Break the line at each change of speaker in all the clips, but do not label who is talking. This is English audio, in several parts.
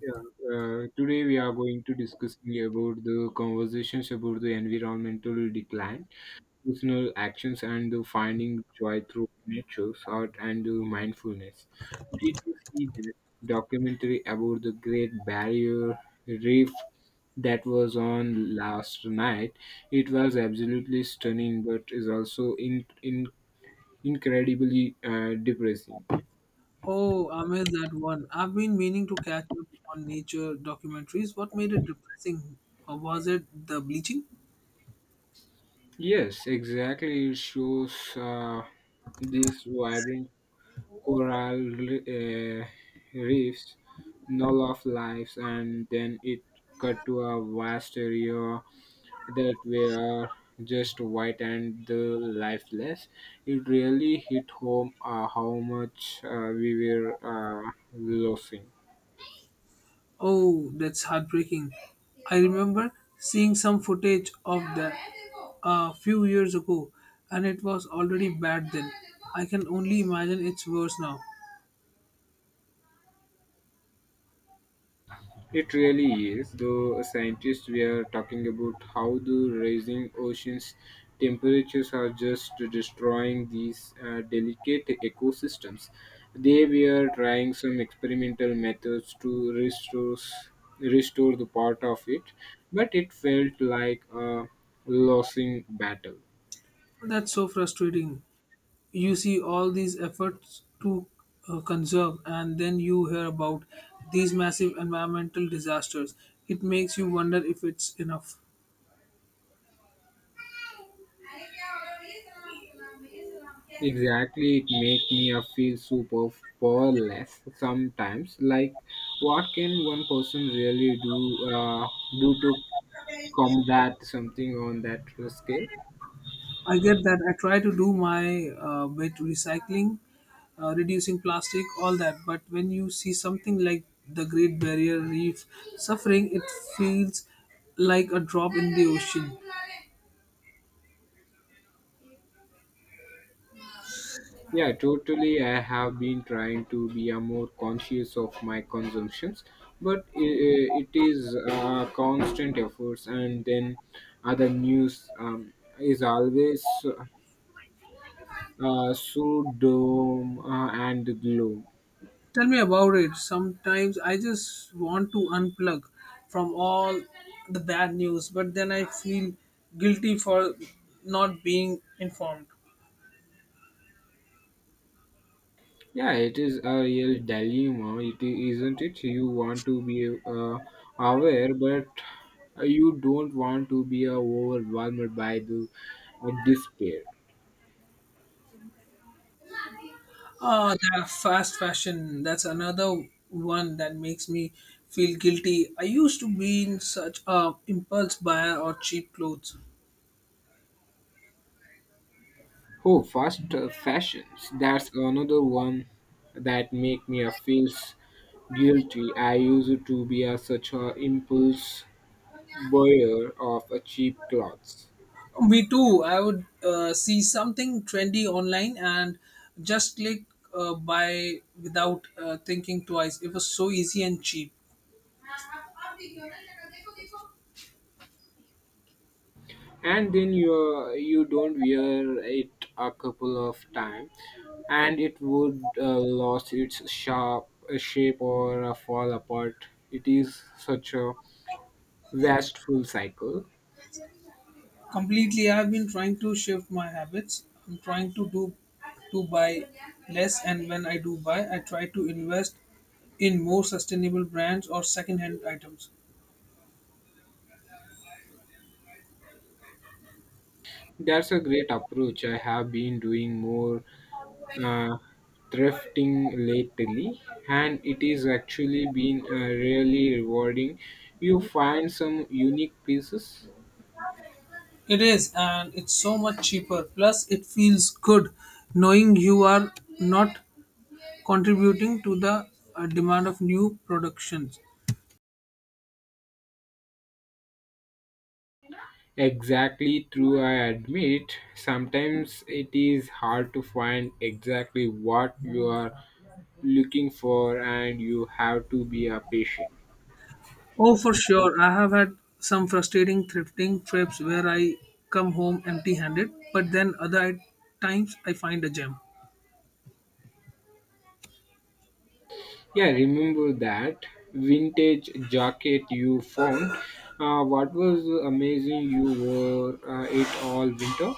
Yeah, Today we are going to discussing about the conversations about the environmental decline, personal actions, and the finding joy through nature, art, and the mindfulness. Did you see the documentary about the Great Barrier Reef that was on last night? It was absolutely stunning, but is also in incredibly depressing.
Oh, I missed that one. I've been meaning to catch up on nature documentaries. What made it depressing? Or was it the bleaching?
Yes, exactly. It shows these vibrant coral re- uh, reefs, null of lives, and then it cut to a vast area that were just white and the lifeless. It really hit home, how much we were losing.
Oh, that's heartbreaking. I remember seeing some footage of that a few years ago, and it was already bad then. I can only imagine it's worse now.
It really is, though scientists were talking about how the rising oceans temperatures are just destroying these delicate ecosystems. They were trying some experimental methods to restore the part of it, but it felt like a losing battle.
That's so frustrating. You see all these efforts to conserve, and then you hear about these massive environmental disasters. It makes you wonder if it's enough.
Exactly, it makes me feel super powerless sometimes. Like, what can one person really do to combat something on that scale.
I get that. I try to do my bit, recycling, reducing plastic, all that, but when you see something like the Great Barrier Reef suffering, it feels like a drop in the ocean.
Yeah, totally. I have been trying to be a more conscious of my consumptions, but it is constant efforts, and then other news is always so doom and gloom.
Tell me about it. Sometimes I just want to unplug from all the bad news, but then I feel guilty for not being informed.
Yeah, it is a real dilemma, it is, isn't it? You want to be aware, but you don't want to be overwhelmed by the despair.
Ah, that fast fashion. That's another one that makes me feel guilty. I used to be in such a impulse buyer or cheap clothes.
Oh, fast fashions. That's another one that make me feel guilty. I used to be a, such a impulse buyer of cheap clothes.
Me too. I would see something trendy online and just click buy without thinking twice. It was so easy and cheap.
And then you don't wear it a couple of time, and it would lose its sharp shape or fall apart. It is such a wasteful cycle.
Completely, I've been trying to shift my habits. I'm trying to do to buy less, and when I do buy, I try to invest in more sustainable brands or second-hand items.
That's a great approach. I have been doing more uh, thrifting lately, and it is actually been really rewarding. You find some unique pieces.
It is, and it's so much cheaper. Plus, it feels good knowing you are not contributing to the demand of new productions.
Exactly true, I admit. Sometimes it is hard to find exactly what you are looking for, and you have to be a patient.
Oh, for sure. I have had some frustrating thrifting trips where I come home empty handed, but then other times I find a gem.
Yeah, remember that vintage jacket you found. What was amazing, you wore it all winter?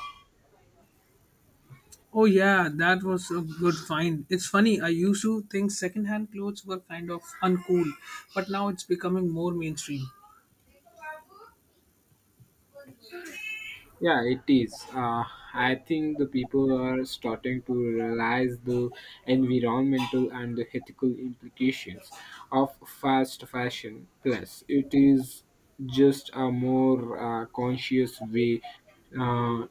Oh yeah, that was a good find. It's funny, I used to think secondhand clothes were kind of uncool, but now it's becoming more mainstream.
Yeah, it is. I think the people are starting to realize the environmental and the ethical implications of fast fashion. Plus, it is just a more conscious way uh,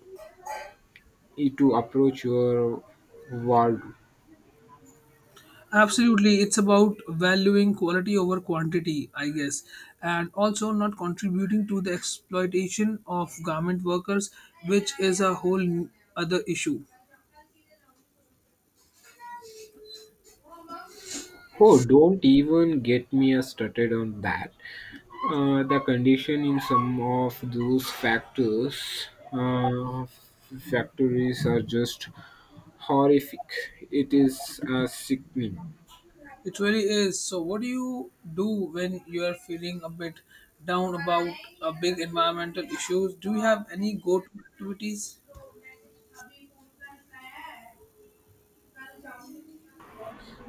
to approach your world.
Absolutely, it's about valuing quality over quantity, I guess, and also not contributing to the exploitation of garment workers, which is a whole other issue.
Oh, don't even get me started on that. The condition in some of those factories are just horrific. It is sickening.
It really is. So, what do you do when you are feeling a bit down about a big environmental issues? Do you have any go-to activities?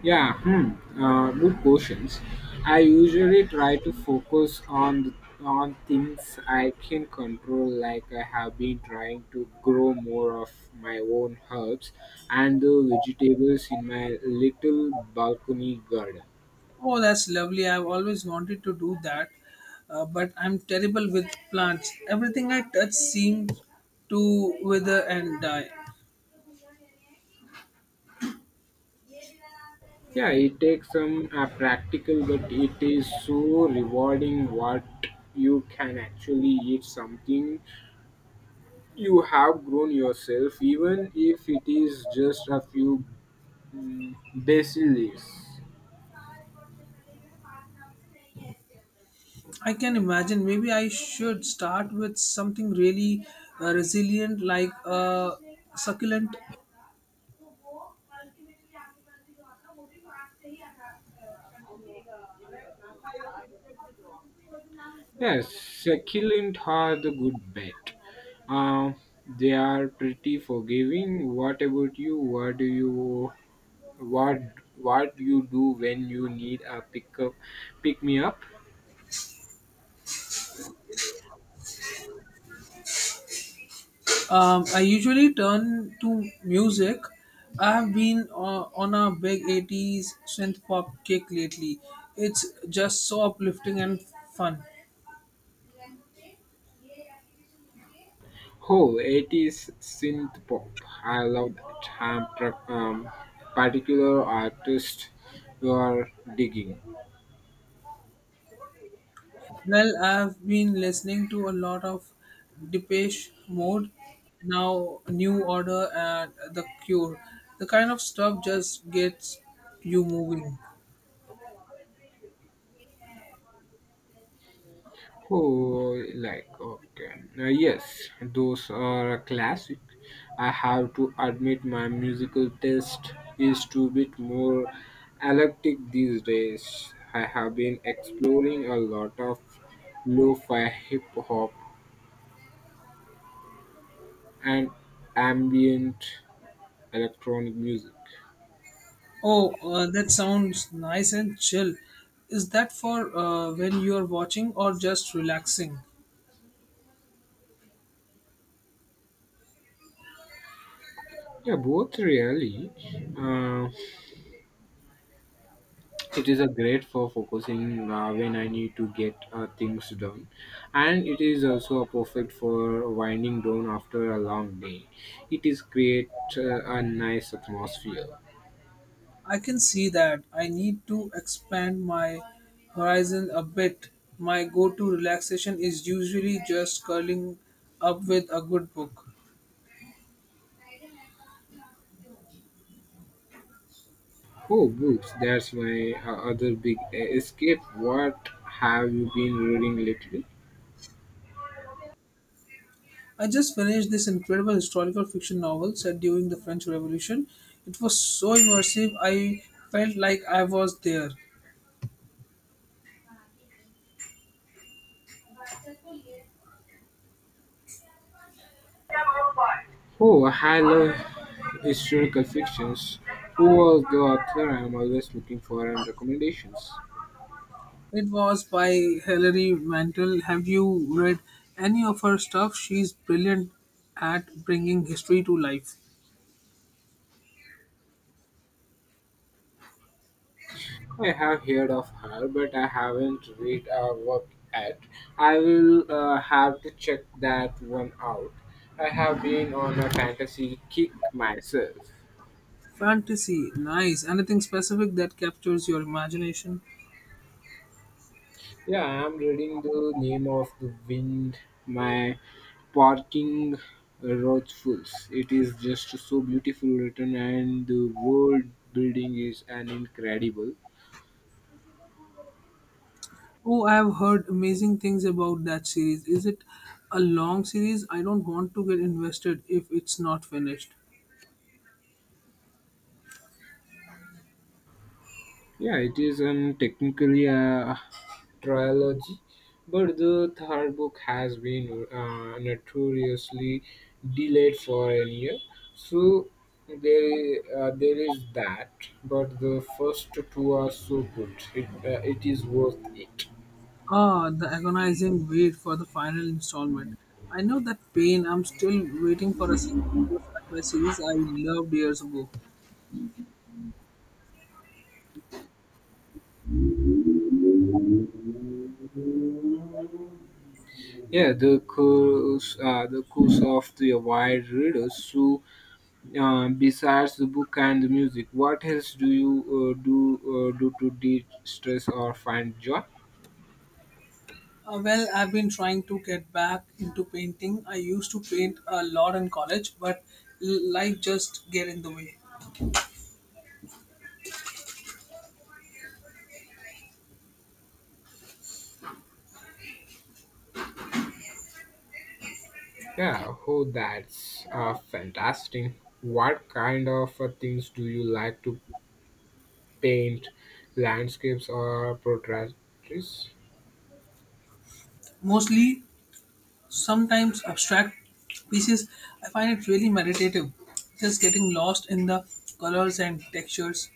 Yeah, good questions. I usually try to focus on on things I can control, like I have been trying to grow more of my own herbs and the vegetables in my little balcony garden.
Oh, that's lovely. I've always wanted to do that, but I'm terrible with plants. Everything I touch seems to wither and die.
Yeah, it takes some practical, but it is so rewarding what you can actually eat something you have grown yourself, even if it is just a few basil leaves.
I can imagine. Maybe I should start with something really resilient like a succulent.
Yes, succulent are the good bet. Uh, they are pretty forgiving. What about you? What do you what what you do when you need a pick me up?
I usually turn to music. I have been on a big eighties synth pop kick lately. It's just so uplifting and fun.
Oh, it is synth pop. I love that. I'm particular artist you are digging.
Well, I've been listening to a lot of Depeche Mode, now New Order, and The Cure. The kind of stuff just gets you moving.
Oh, like okay, yes, those are a classic. I have to admit, my musical taste is to bit more eclectic these days. I have been exploring a lot of lo-fi hip hop and ambient electronic music.
Oh, that sounds nice and chill. Is that for when you're watching or just relaxing?
Yeah, both really. Uh, It is a great for focusing when I need to get things done, and it is also a perfect for winding down after a long day. It is create a nice atmosphere.
I can see that. I need to expand my horizon a bit. My go to relaxation is usually just curling up with a good book.
Oh, books! That's my other big escape. What have you been reading lately?
I just finished this incredible historical fiction novel set during the French Revolution. It was so immersive, I felt like I was there.
Oh, I love historical fictions. Who was the author? I am always looking for and recommendations.
It was by Hilary Mantel. Have you read any of her stuff? She's brilliant at bringing history to life.
I have heard of her, but I haven't read her work yet. I will have to check that one out. I have been on a fantasy kick myself.
Fantasy, nice. Anything specific that captures your imagination?
Yeah, I am reading The Name of the Wind, my parking fools. It is just so beautifully written, and the world building is an incredible.
Oh, I have heard amazing things about that series. Is it a long series? I don't want to get invested if it's not finished.
Yeah, it is technically a trilogy, but the third book has been notoriously delayed for a year. So there is that. But the first two are so good; it is worth it.
Ah, the agonizing wait for the final installment. I know that pain. I'm still waiting for a sequel to a sci-fi series I loved years ago.
Yeah, the course of the wide readers. So, besides the book and the music, what else do you do to de-stress or find joy?
Well, I've been trying to get back into painting. I used to paint a lot in college, but life just get in the way.
Yeah, oh, that's fantastic. What kind of things do you like to paint? Landscapes or portraits?
Mostly sometimes abstract pieces. I find it really meditative, just getting lost in the colors and textures.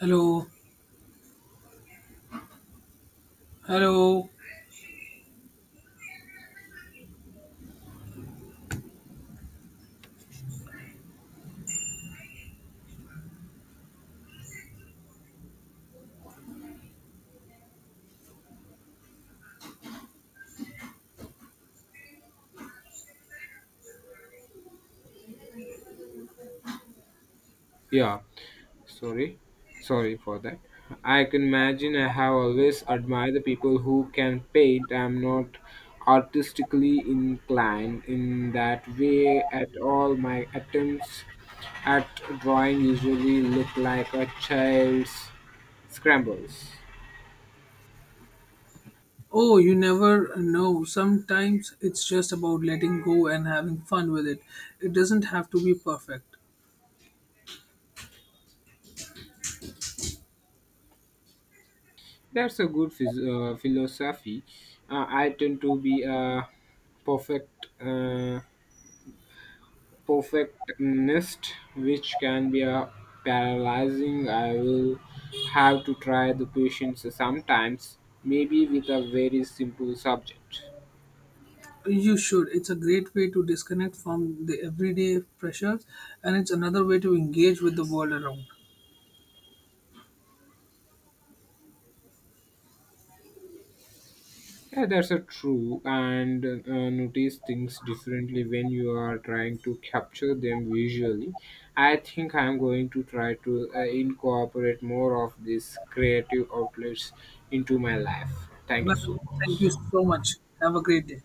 Hello, hello.
Yeah, sorry, sorry for that. I can imagine I have always admired the people who can paint. I'm not artistically inclined in that way at all. My attempts at drawing usually look like a child's scrambles.
Oh, you never know. Sometimes it's just about letting go and having fun with it. It doesn't have to be perfect.
That's a good philosophy. I tend to be a perfect uh, perfectionist, which can be a paralyzing. I will have to try the patience sometimes, maybe with a very simple subject.
You should. It's a great way to disconnect from the everyday pressures, and it's another way to engage with the world around.
Yeah, that's a true. And notice things differently when you are trying to capture them visually. I think I'm going to try to incorporate more of these creative outlets into my life. Thank
Well,
you so
thank you
much.
so much. Have a great day.